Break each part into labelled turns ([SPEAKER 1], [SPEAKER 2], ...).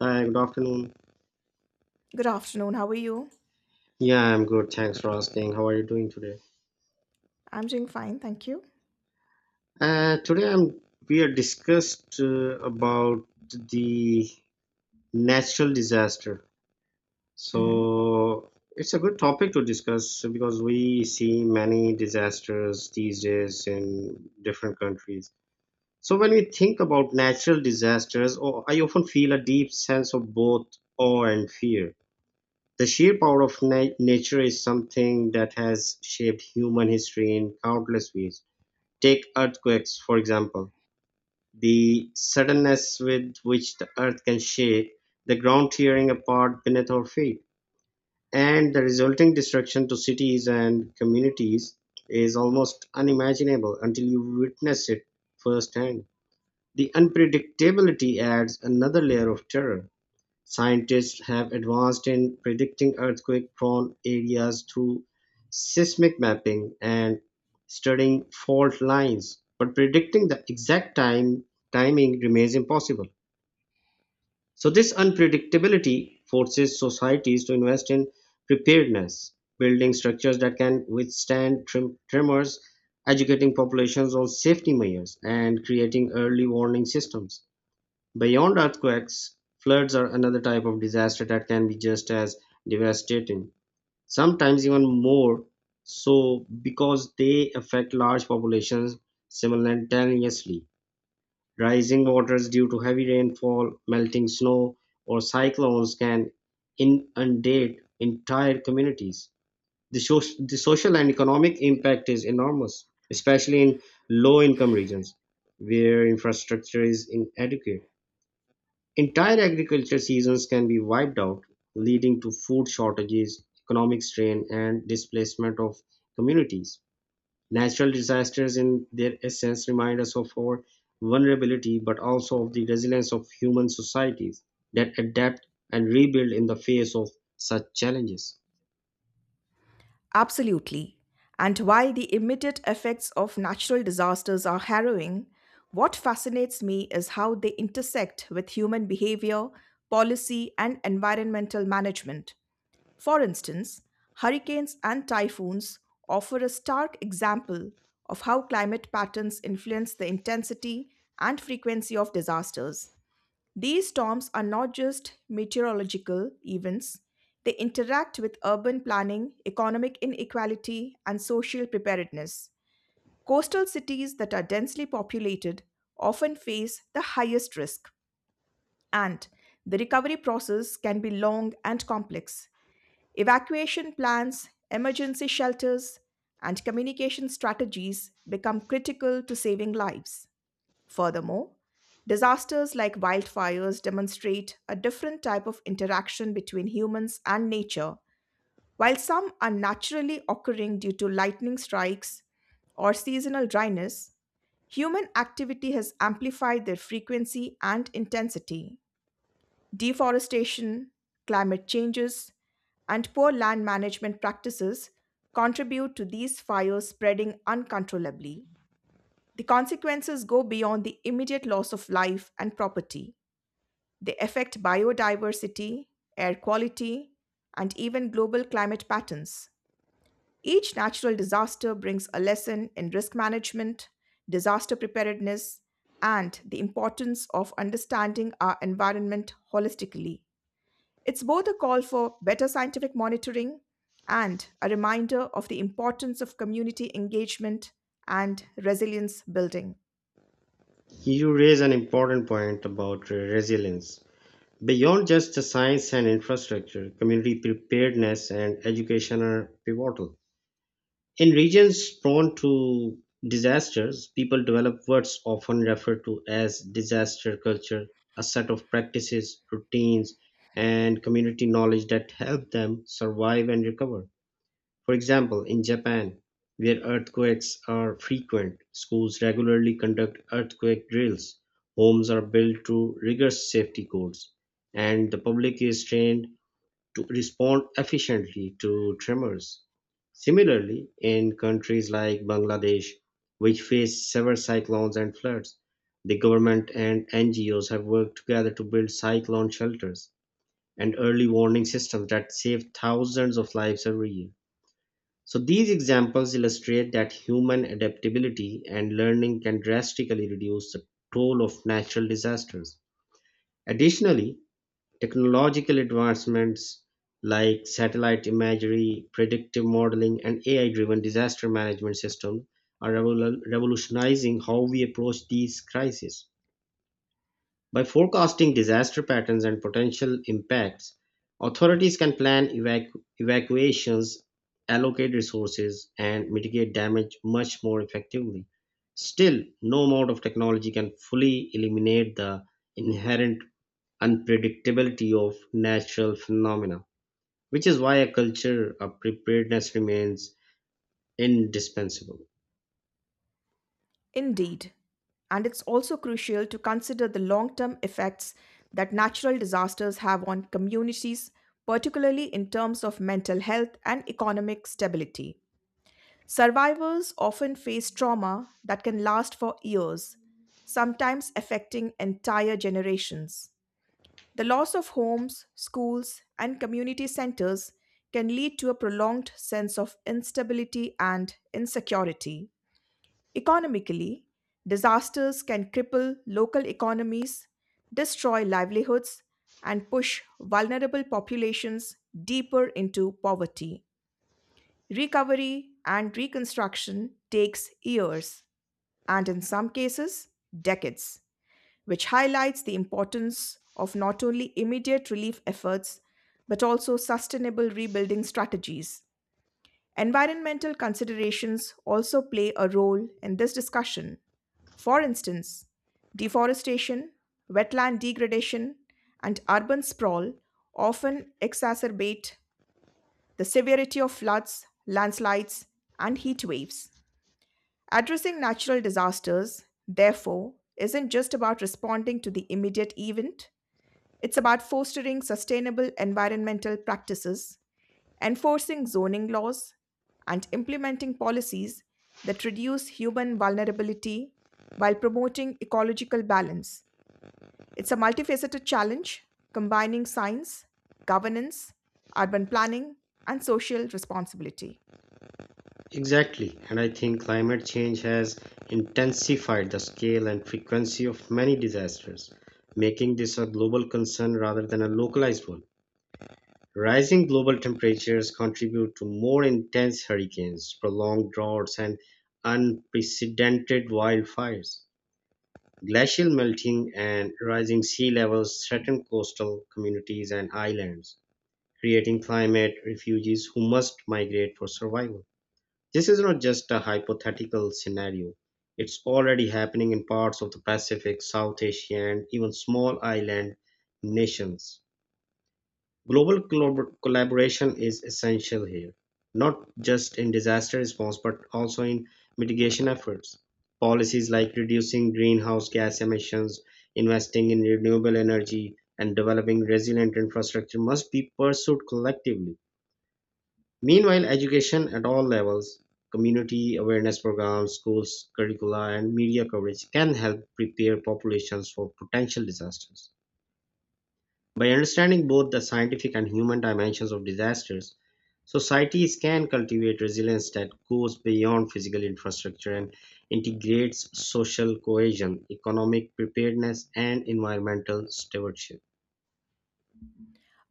[SPEAKER 1] Hi, good afternoon.
[SPEAKER 2] Good afternoon. How are you?
[SPEAKER 1] Yeah, I'm good. Thanks for asking. How are you doing today?
[SPEAKER 2] I'm doing fine, thank you.
[SPEAKER 1] Today I'm we are discussed about the natural disaster.
[SPEAKER 2] Hmm.
[SPEAKER 1] So it's a good topic to discuss because we see many disasters these days in different countries. So when we think about natural disasters, oh, I often feel a deep sense of both awe and fear. The sheer power of nature is something that has shaped human history in countless ways. Take earthquakes, for example. The suddenness with which the earth can shake, the ground tearing apart beneath our feet, and the resulting destruction to cities and communities is almost unimaginable until you witness it firsthand. The unpredictability adds another layer of terror. Scientists have advanced in predicting earthquake-prone areas through seismic mapping and studying fault lines, but predicting the exact time timing remains impossible. So this unpredictability forces societies to invest in preparedness, building structures that can withstand tremors, educating populations on safety measures, and creating early warning systems. Beyond earthquakes, floods are another type of disaster that can be just as devastating, sometimes even more so because they affect large populations simultaneously. Rising waters due to heavy rainfall, melting snow, or cyclones can inundate entire communities. The social and economic impact is enormous, especially in low income regions where infrastructure is inadequate. Entire agriculture seasons can be wiped out, leading to food shortages, economic strain, and displacement of communities. Natural disasters, in their essence, remind us of our vulnerability but also of the resilience of human societies that adapt and rebuild in the face of such challenges.
[SPEAKER 2] Absolutely. And while the immediate effects of natural disasters are harrowing, what fascinates me is how they intersect with human behavior, policy, and environmental management. For instance, hurricanes and typhoons offer a stark example of how climate patterns influence the intensity and frequency of disasters. These storms are not just meteorological events, they interact with urban planning, economic inequality, and social preparedness. Coastal cities that are densely populated often face the highest risk, and the recovery process can be long and complex. Evacuation plans, emergency shelters, and communication strategies become critical to saving lives. Furthermore, disasters like wildfires demonstrate a different type of interaction between humans and nature. While some are naturally occurring due to lightning strikes or seasonal dryness, human activity has amplified their frequency and intensity. Deforestation, climate changes, and poor land management practices contribute to these fires spreading uncontrollably. The consequences go beyond the immediate loss of life and property. They affect biodiversity, air quality, and even global climate patterns. Each natural disaster brings a lesson in risk management, disaster preparedness, and the importance of understanding our environment holistically. It's both a call for better scientific monitoring and a reminder of the importance of community engagement and resilience building.
[SPEAKER 1] You raise an important point about resilience. Beyond just the science and infrastructure, community preparedness and education are pivotal. In regions prone to disasters, people develop what's often referred to as disaster culture, a set of practices, routines, and community knowledge that help them survive and recover. For example, in Japan, where earthquakes are frequent, schools regularly conduct earthquake drills, homes are built to rigorous safety codes, and the public is trained to respond efficiently to tremors. Similarly, in countries like Bangladesh, which face severe cyclones and floods, the government and NGOs have worked together to build cyclone shelters and early warning systems that save thousands of lives every year. So, these examples illustrate that human adaptability and learning can drastically reduce the toll of natural disasters. Additionally, technological advancements like satellite imagery, predictive modeling, and AI-driven disaster management systems are revolutionizing how we approach these crises. By forecasting disaster patterns and potential impacts, authorities can plan evacuations, allocate resources, and mitigate damage much more effectively. Still, no amount of technology can fully eliminate the inherent unpredictability of natural phenomena, which is why a culture of preparedness remains indispensable.
[SPEAKER 2] Indeed. And it's also crucial to consider the long term effects that natural disasters have on communities, particularly in terms of mental health and economic stability. Survivors often face trauma that can last for years, sometimes affecting entire generations. The loss of homes, schools, and community centers can lead to a prolonged sense of instability and insecurity. Economically, disasters can cripple local economies, destroy livelihoods, and push vulnerable populations deeper into poverty. Recovery and reconstruction takes years and in some cases decades, which highlights the importance of not only immediate relief efforts but also sustainable rebuilding strategies. Environmental considerations also play a role in this discussion. For instance, deforestation, wetland degradation, and urban sprawl often exacerbate the severity of floods, landslides, and heat waves. Addressing natural disasters, therefore, isn't just about responding to the immediate event, it's about fostering sustainable environmental practices, enforcing zoning laws, and implementing policies that reduce human vulnerability while promoting ecological balance. It's a multifaceted challenge combining science, governance, urban planning, and social responsibility.
[SPEAKER 1] Exactly, and I think climate change has intensified the scale and frequency of many disasters, making this a global concern rather than a localized one. Rising global temperatures contribute to more intense hurricanes, prolonged droughts, and unprecedented wildfires. Glacial melting and rising sea levels threaten coastal communities and islands, creating climate refugees who must migrate for survival. This is not just a hypothetical scenario. It's already happening in parts of the Pacific, South Asia, and even small island nations. Global collaboration is essential here, not just in disaster response but also in mitigation efforts. Policies like reducing greenhouse gas emissions, investing in renewable energy, and developing resilient infrastructure must be pursued collectively. Meanwhile, education at all levels, community awareness programs, schools, curricula, and media coverage can help prepare populations for potential disasters. By understanding both the scientific and human dimensions of disasters, societies can cultivate resilience that goes beyond physical infrastructure and integrates social cohesion, economic preparedness, and environmental stewardship.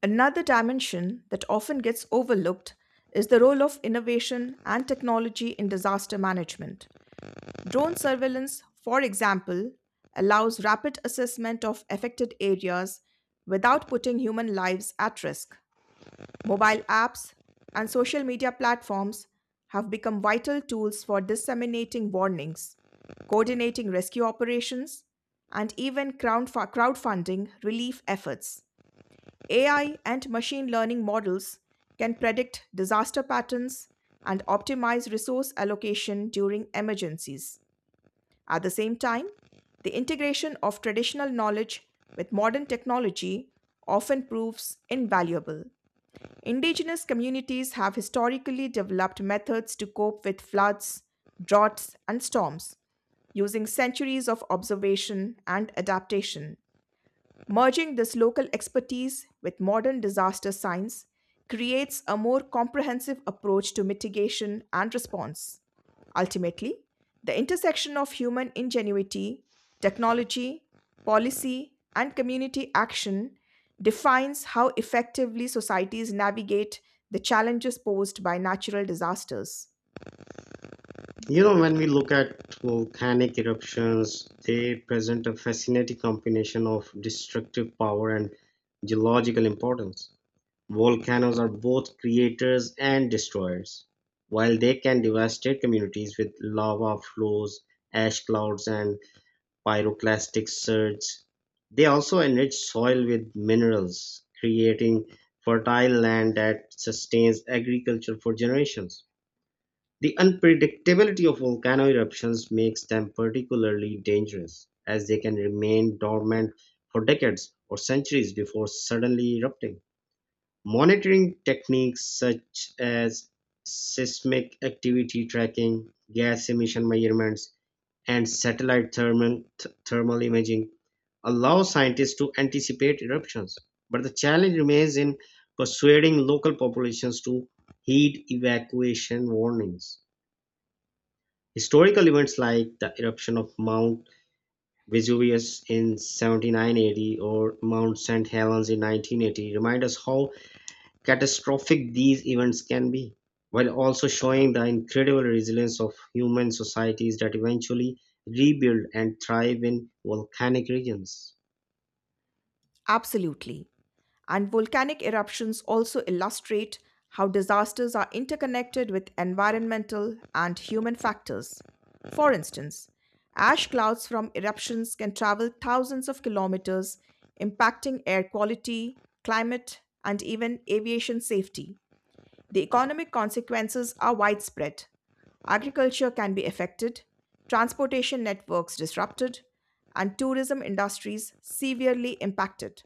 [SPEAKER 2] Another dimension that often gets overlooked is the role of innovation and technology in disaster management. Drone surveillance, for example, allows rapid assessment of affected areas without putting human lives at risk. Mobile apps and social media platforms have become vital tools for disseminating warnings, coordinating rescue operations, and even crowdfunding relief efforts. AI and machine learning models can predict disaster patterns and optimize resource allocation during emergencies. At the same time, the integration of traditional knowledge with modern technology often proves invaluable. Indigenous communities have historically developed methods to cope with floods, droughts, and storms, using centuries of observation and adaptation. Merging this local expertise with modern disaster science creates a more comprehensive approach to mitigation and response. Ultimately, the intersection of human ingenuity, technology, policy, and community action defines how effectively societies navigate the challenges posed by natural disasters.
[SPEAKER 1] You know, when we look at volcanic eruptions, they present a fascinating combination of destructive power and geological importance. Volcanoes are both creators and destroyers, while they can devastate communities with lava flows, ash clouds, and pyroclastic surges. They also enrich soil with minerals, creating fertile land that sustains agriculture for generations. The unpredictability of volcano eruptions makes them particularly dangerous, as they can remain dormant for decades or centuries before suddenly erupting. Monitoring techniques such as seismic activity tracking, gas emission measurements, and satellite thermal imaging allow scientists to anticipate eruptions. But the challenge remains in persuading local populations to heed evacuation warnings. Historical events like the eruption of Mount Vesuvius in 79 AD or Mount St. Helens in 1980 remind us how catastrophic these events can be, while also showing the incredible resilience of human societies that eventually rebuild and thrive in volcanic regions.
[SPEAKER 2] Absolutely. And volcanic eruptions also illustrate how disasters are interconnected with environmental and human factors. For instance, ash clouds from eruptions can travel thousands of kilometers, impacting air quality, climate, and even aviation safety. The economic consequences are widespread. Agriculture can be affected, transportation networks disrupted, and tourism industries severely impacted.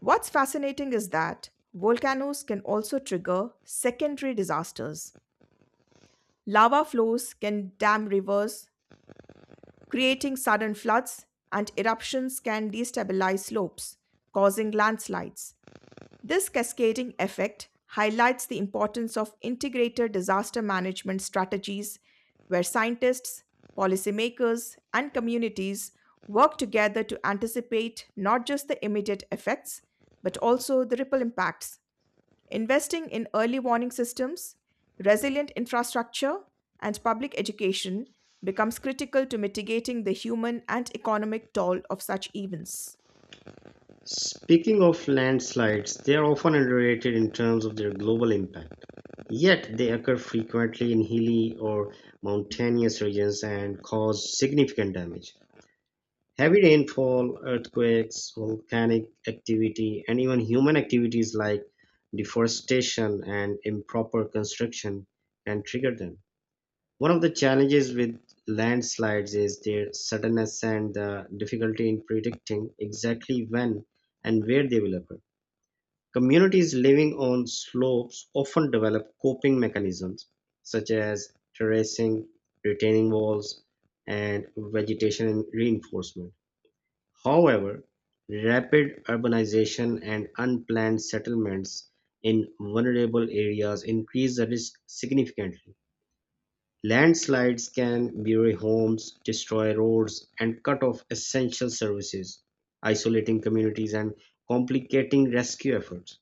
[SPEAKER 2] What's fascinating is that volcanoes can also trigger secondary disasters. Lava flows can dam rivers, creating sudden floods, and eruptions can destabilize slopes, causing landslides. This cascading effect highlights the importance of integrated disaster management strategies where scientists, policymakers, and communities work together to anticipate not just the immediate effects, but also the ripple impacts. Investing in early warning systems, resilient infrastructure, and public education becomes critical to mitigating the human and economic toll of such events.
[SPEAKER 1] Speaking of landslides, they are often underrated in terms of their global impact. Yet they occur frequently in hilly or mountainous regions and cause significant damage. Heavy rainfall, earthquakes, volcanic activity, and even human activities like deforestation and improper construction can trigger them. One of the challenges with landslides is their suddenness and the difficulty in predicting exactly when and where they will occur. Communities living on slopes often develop coping mechanisms such as terracing, retaining walls, and vegetation reinforcement. However, rapid urbanization and unplanned settlements in vulnerable areas increase the risk significantly. Landslides can bury homes, destroy roads, and cut off essential services, isolating communities and complicating rescue efforts.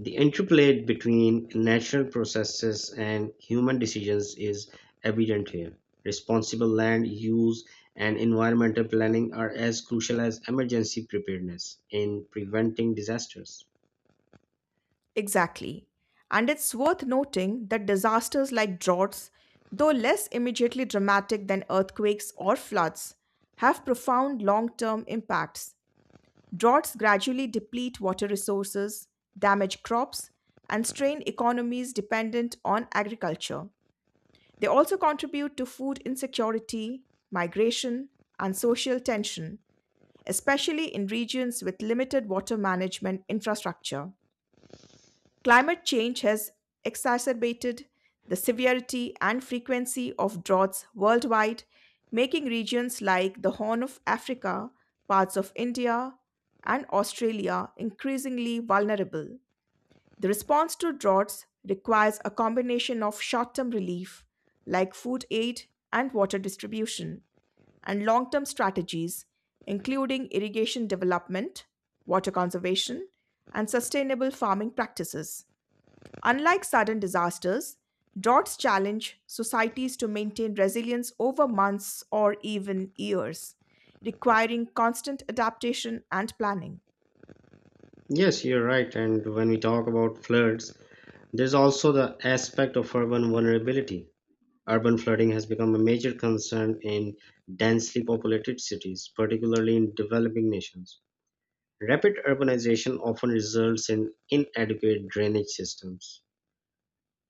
[SPEAKER 1] The interplay between natural processes and human decisions is evident here. Responsible land use and environmental planning are as crucial as emergency preparedness in preventing disasters.
[SPEAKER 2] Exactly. And it's worth noting that disasters like droughts, though less immediately dramatic than earthquakes or floods, have profound long term impacts. Droughts gradually deplete water resources, damage crops, and strain economies dependent on agriculture. They also contribute to food insecurity, migration, and social tension, especially in regions with limited water management infrastructure. Climate change has exacerbated the severity and frequency of droughts worldwide, making regions like the Horn of Africa, parts of India, and Australia increasingly vulnerable. The response to droughts requires a combination of short term relief, like food aid and water distribution, and long term strategies, including irrigation development, water conservation, and sustainable farming practices. Unlike sudden disasters, droughts challenge societies to maintain resilience over months or even years, requiring constant adaptation and planning.
[SPEAKER 1] Yes, you're right. And when we talk about floods, there's also the aspect of urban vulnerability. Urban flooding has become a major concern in densely populated cities, particularly in developing nations. Rapid urbanization often results in inadequate drainage systems,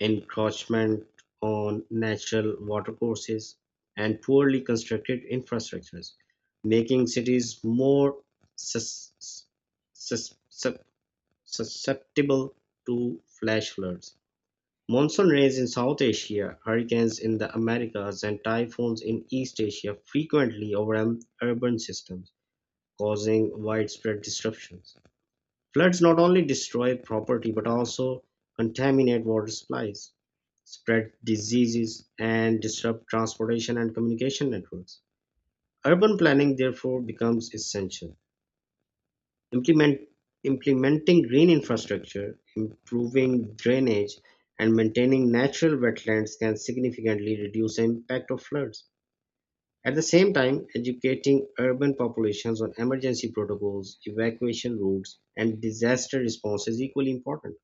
[SPEAKER 1] encroachment on natural watercourses, and poorly constructed infrastructures, making cities more sus- sus- sus- susceptible to flash floods. Monsoon rains in South Asia, hurricanes in the Americas, and typhoons in East Asia frequently overwhelm urban systems, causing widespread disruptions. Floods not only destroy property but also contaminate water supplies, spread diseases, and disrupt transportation and communication networks. Urban planning therefore becomes essential. Implement, Implementing green infrastructure, improving drainage, and maintaining natural wetlands can significantly reduce the impact of floods. At the same time, educating urban populations on emergency protocols, evacuation routes, and disaster response is equally important.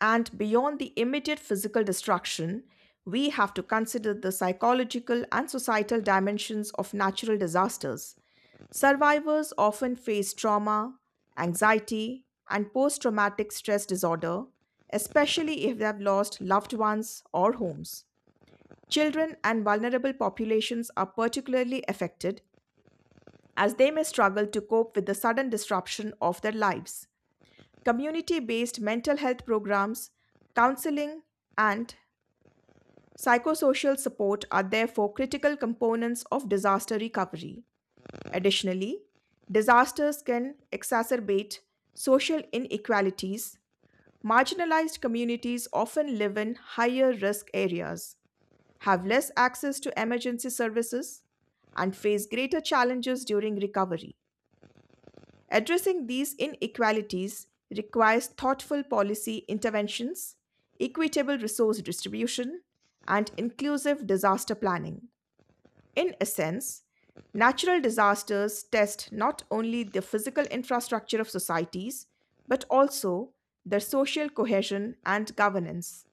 [SPEAKER 2] And beyond the immediate physical destruction, we have to consider the psychological and societal dimensions of natural disasters. Survivors often face trauma, anxiety, and post traumatic stress disorder, especially if they have lost loved ones or homes. Children and vulnerable populations are particularly affected as they may struggle to cope with the sudden disruption of their lives. Community based mental health programs, counseling, and psychosocial support are therefore critical components of disaster recovery. Additionally, disasters can exacerbate social inequalities. Marginalized communities often live in higher risk areas, have less access to emergency services, and face greater challenges during recovery. Addressing these inequalities requires thoughtful policy interventions, equitable resource distribution, and inclusive disaster planning. In essence, natural disasters test not only the physical infrastructure of societies, but also their social cohesion and governance.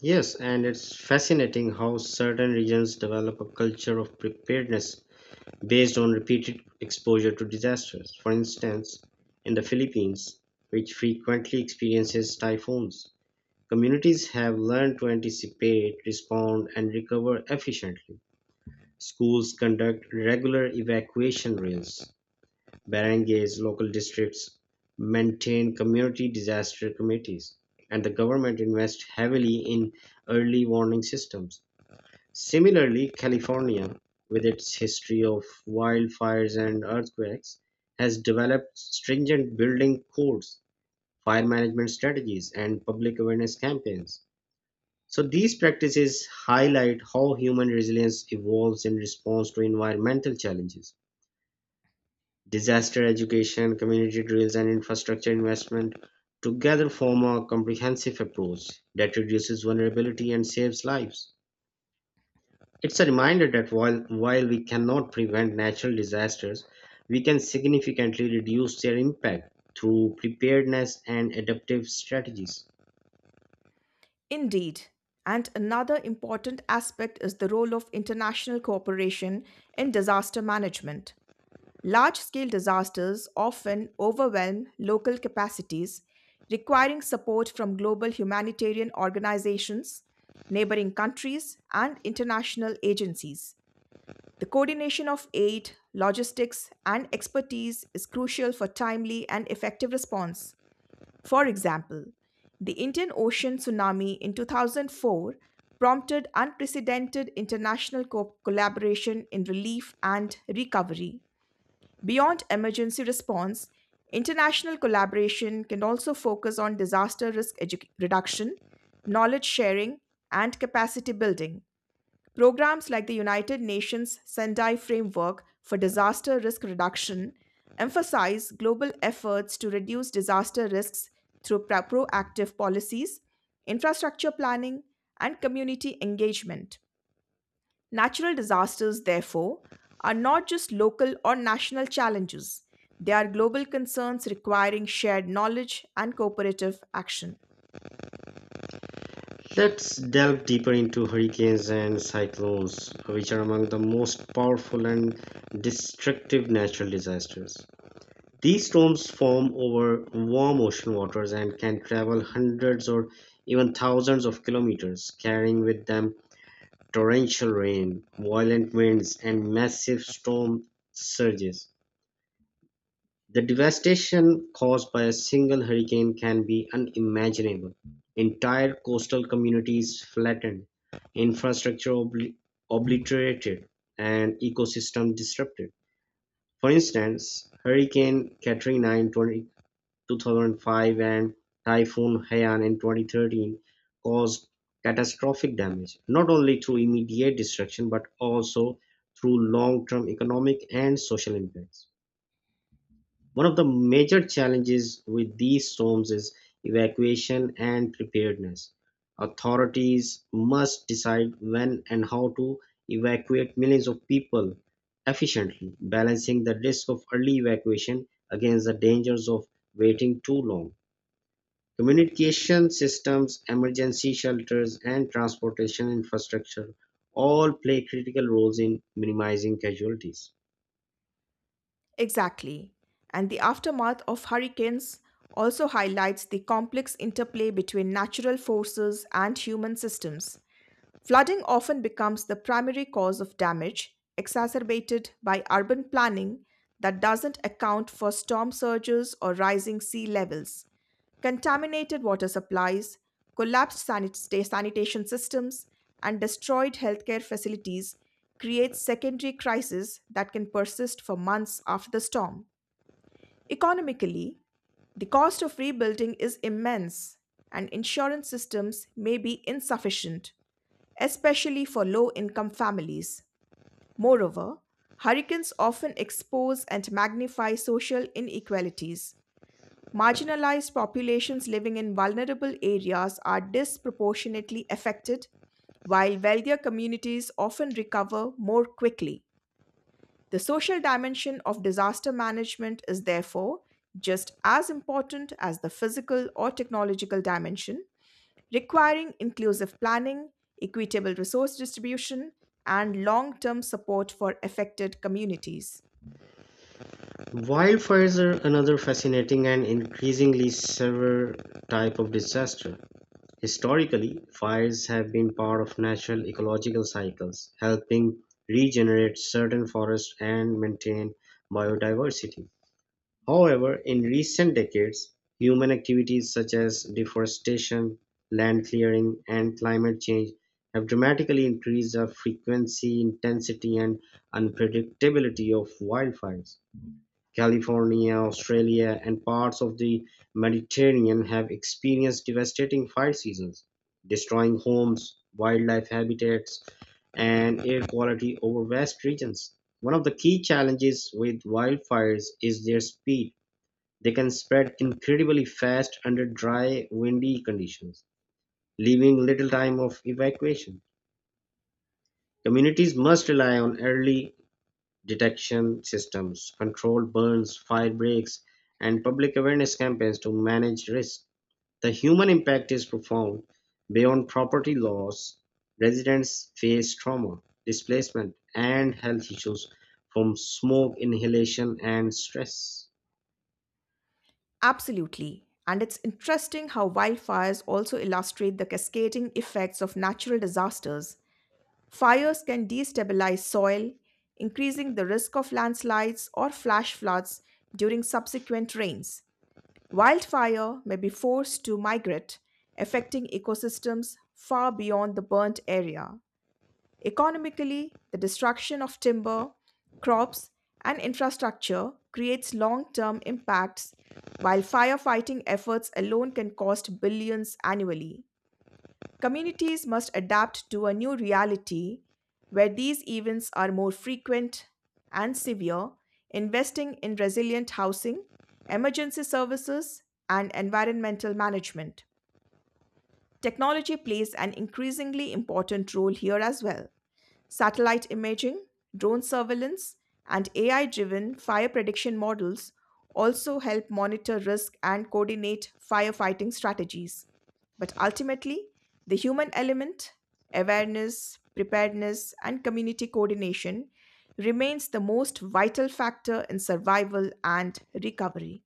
[SPEAKER 1] Yes, and it's fascinating how certain regions develop a culture of preparedness based on repeated exposure to disasters. For instance, in the Philippines, which frequently experiences typhoons, communities have learned to anticipate, respond, and recover efficiently. Schools conduct regular evacuation drills, Barangays, local districts maintain community disaster committees, and the government invests heavily in early warning systems. Similarly, California, with its history of wildfires and earthquakes, has developed stringent building codes, fire management strategies, and public awareness campaigns. So, these practices highlight how human resilience evolves in response to environmental challenges. Disaster education, community drills and infrastructure investment together form a comprehensive approach that reduces vulnerability and saves lives. It's a reminder that while we cannot prevent natural disasters, we can significantly reduce their impact through preparedness and adaptive strategies.
[SPEAKER 2] Indeed. And another important aspect is the role of international cooperation in disaster management. Large scale disasters often overwhelm local capacities, requiring support from global humanitarian organizations, neighboring countries, and international agencies. The coordination of aid, logistics, and expertise is crucial for timely and effective response. For example, the Indian Ocean tsunami in 2004 prompted unprecedented international collaboration in relief and recovery. Beyond emergency response, international collaboration can also focus on disaster risk reduction, knowledge sharing, and capacity building. Programs like the United Nations Sendai Framework for Disaster Risk Reduction emphasize global efforts to reduce disaster risks through proactive policies, infrastructure planning, and community engagement. Natural disasters, therefore, are not just local or national challenges, they are global concerns requiring shared knowledge and cooperative action.
[SPEAKER 1] Let's delve deeper into hurricanes and cyclones, which are among the most powerful and destructive natural disasters. These storms form over warm ocean waters and can travel hundreds or even thousands of kilometers, carrying with them torrential rain, violent winds, and massive storm surges. The devastation caused by a single hurricane can be unimaginable. Entire coastal communities flattened, infrastructure obliterated, and ecosystem disrupted. For instance, Hurricane Katrina in 20 2005 and Typhoon Haiyan in 2013 caused catastrophic damage, not only through immediate destruction but also through long term economic and social impacts. One of the major challenges with these storms is evacuation and preparedness. Authorities must decide when and how to evacuate millions of people efficiently, balancing the risk of early evacuation against the dangers of waiting too long. Communication systems, emergency shelters, and transportation infrastructure all play critical roles in minimizing casualties.
[SPEAKER 2] Exactly. And the aftermath of hurricanes also highlights the complex interplay between natural forces and human systems. Flooding often becomes the primary cause of damage, exacerbated by urban planning that doesn't account for storm surges or rising sea levels, contaminated water supplies, collapsed sanitation systems, and destroyed healthcare facilities create secondary crises that can persist for months after the storm. Economically, the cost of rebuilding is immense, and insurance systems may be insufficient especially for low income families. Moreover, hurricanes often expose and magnify social inequalities. Marginalized populations living in vulnerable areas are disproportionately affected, while wealthier communities often recover more quickly. The social dimension of disaster management is therefore just as important as the physical or technological dimension, requiring inclusive planning, equitable resource distribution, and long term support for affected communities.
[SPEAKER 1] Wildfires are another fascinating and increasingly severe type of disaster. Historically, fires have been part of natural ecological cycles, helping regenerate certain forests and maintain biodiversity. However, in recent decades, human activities such as deforestation, land clearing, and climate change have dramatically increased the frequency, intensity, and unpredictability of wildfires. California, Australia, and parts of the Mediterranean have experienced devastating fire seasons, destroying homes, wildlife habitats, and air quality over vast regions. One of the key challenges with wildfires is their speed: they can spread incredibly fast under dry, windy conditions, leaving little time of evacuation. Communities must rely on early detection systems, controlled burns, fire breaks, and public awareness campaigns to manage risk. The human impact is profound. Beyond property loss, residents face trauma, displacement, and health issues from smoke inhalation and stress.
[SPEAKER 2] Absolutely. And it's interesting how wildfires also illustrate the cascading effects of natural disasters. Fires can destabilize soil, increasing the risk of landslides or flash floods during subsequent rains. Wildfire may be forced to migrate, affecting ecosystems far beyond the burnt area. Economically, the destruction of timber, crops, and infrastructure creates long term impacts, while firefighting efforts alone can cost billions annually. Communities must adapt to a new reality where these events are more frequent and severe, investing in resilient housing, emergency services, and environmental management. Technology plays an increasingly important role here as well. Satellite imaging, drone surveillance, and AI driven fire prediction models also help monitor risk and coordinate firefighting strategies. But ultimately, the human element, awareness, preparedness, and community coordination remains the most vital factor in survival and recovery.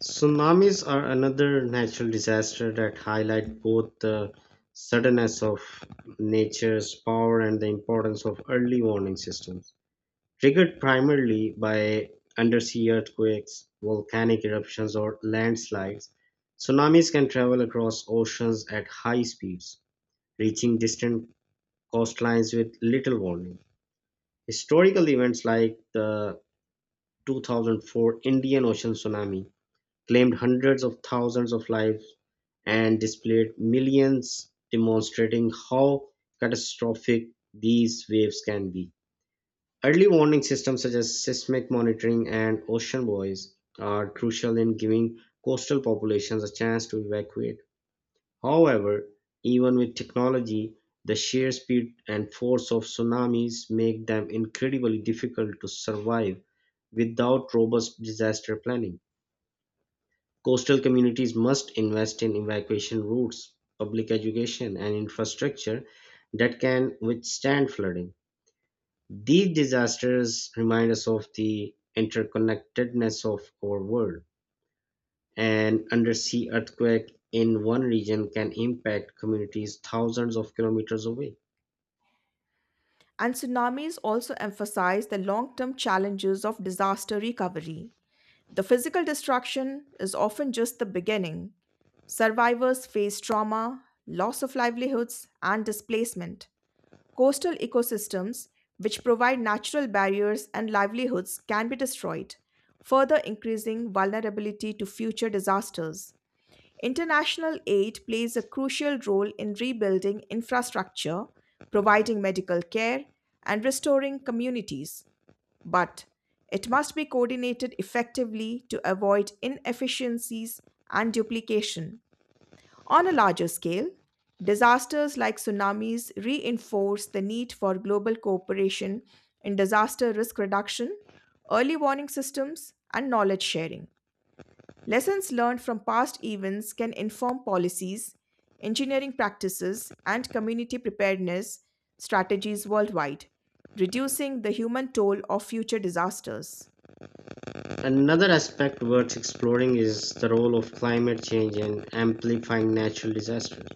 [SPEAKER 1] Tsunamis are another natural disaster that highlight both the suddenness of nature's power and the importance of early warning systems. Triggered primarily by undersea earthquakes, volcanic eruptions, or landslides, tsunamis can travel across oceans at high speeds, reaching distant coastlines with little warning. Historical events like the 2004 Indian Ocean tsunami claimed hundreds of thousands of lives and displaced millions, demonstrating how catastrophic these waves can be. Early warning systems such as seismic monitoring and ocean buoys are crucial in giving coastal populations a chance to evacuate. However, even with technology, the sheer speed and force of tsunamis make them incredibly difficult to survive without robust disaster planning. Coastal communities must invest in evacuation routes, public education, and infrastructure that can withstand flooding. These disasters remind us of the interconnectedness of our world. An undersea earthquake in one region can impact communities thousands of kilometers away.
[SPEAKER 2] And tsunamis also emphasize the long term challenges of disaster recovery. The physical destruction is often just the beginning. Survivors face trauma, loss of livelihoods, and displacement. Coastal ecosystems, which provide natural barriers and livelihoods, can be destroyed, further increasing vulnerability to future disasters. International aid plays a crucial role in rebuilding infrastructure, providing medical care, and restoring communities, but it must be coordinated effectively to avoid inefficiencies and duplication. On a larger scale, disasters like tsunamis reinforce the need for global cooperation in disaster risk reduction, early warning systems, and knowledge sharing. Lessons learned from past events can inform policies, engineering practices, and community preparedness strategies worldwide, reducing the human toll of future disasters.
[SPEAKER 1] Another aspect worth exploring is the role of climate change in amplifying natural disasters.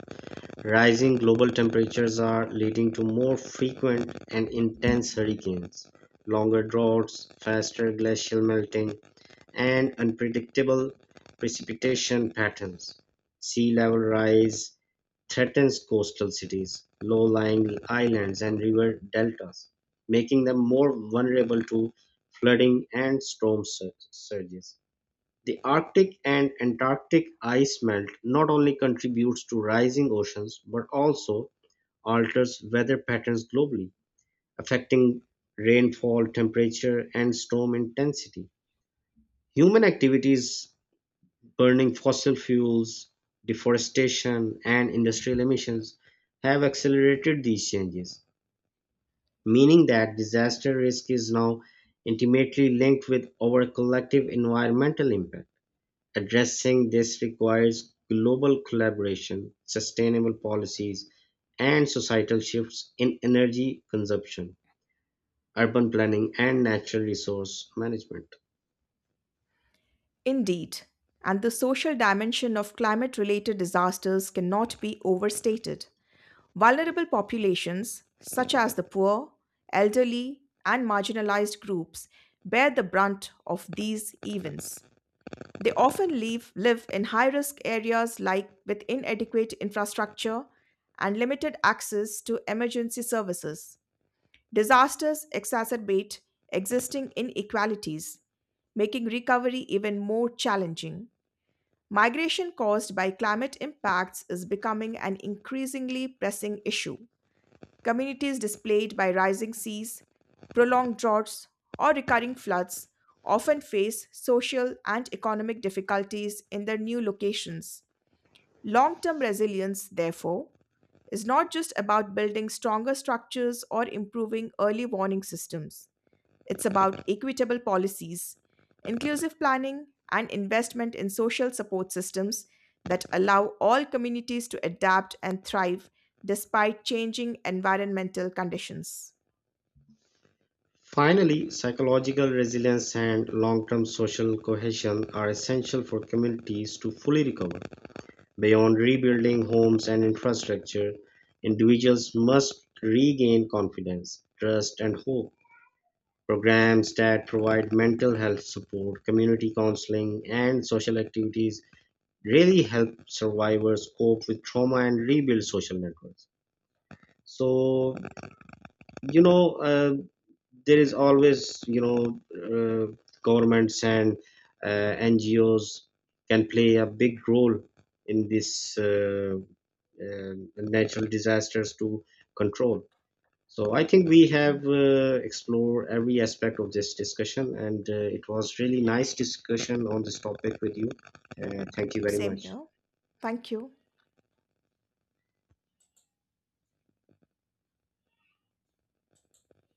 [SPEAKER 1] Rising global temperatures are leading to more frequent and intense hurricanes, longer droughts, faster glacial melting, and unpredictable precipitation patterns. Sea level rise threatens coastal cities, low-lying islands, and river deltas, making them more vulnerable to flooding and storm surges. The Arctic and Antarctic ice melt not only contributes to rising oceans but also alters weather patterns globally, affecting rainfall, temperature, and storm intensity. Human activities, burning fossil fuels, deforestation, and industrial emissions have accelerated these changes, meaning that disaster risk is now intimately linked with our collective environmental impact. Addressing this requires global collaboration, sustainable policies, and societal shifts in energy consumption, urban planning, and natural resource management.
[SPEAKER 2] Indeed, and the social dimension of climate related disasters cannot be overstated. Vulnerable populations, such as the poor, elderly, and marginalized groups, bear the brunt of these events. They often live in high risk areas like with inadequate infrastructure and limited access to emergency services. Disasters exacerbate existing inequalities, making recovery even more challenging. Migration caused by climate impacts is becoming an increasingly pressing issue. Communities displaced by rising seas, prolonged droughts, or recurring floods often face social and economic difficulties in their new locations. Long term resilience, therefore, is not just about building stronger structures or improving early warning systems. It's about equitable policies, inclusive planning, and investment in social support systems that allow all communities to adapt and thrive despite changing environmental conditions.
[SPEAKER 1] Finally, psychological resilience and long term social cohesion are essential for communities to fully recover. Beyond rebuilding homes and infrastructure, individuals must regain confidence, trust, and hope. Programs that provide mental health support, community counseling, and social activities really help survivors cope with trauma and rebuild social networks. So, you know, uh, there is always, governments and uh, NGOs can play a big role in this natural disasters to control. So I think we have explored every aspect of this discussion, and it was really nice discussion on this topic with you. Thank you very
[SPEAKER 2] Same
[SPEAKER 1] much.
[SPEAKER 2] here. Thank you.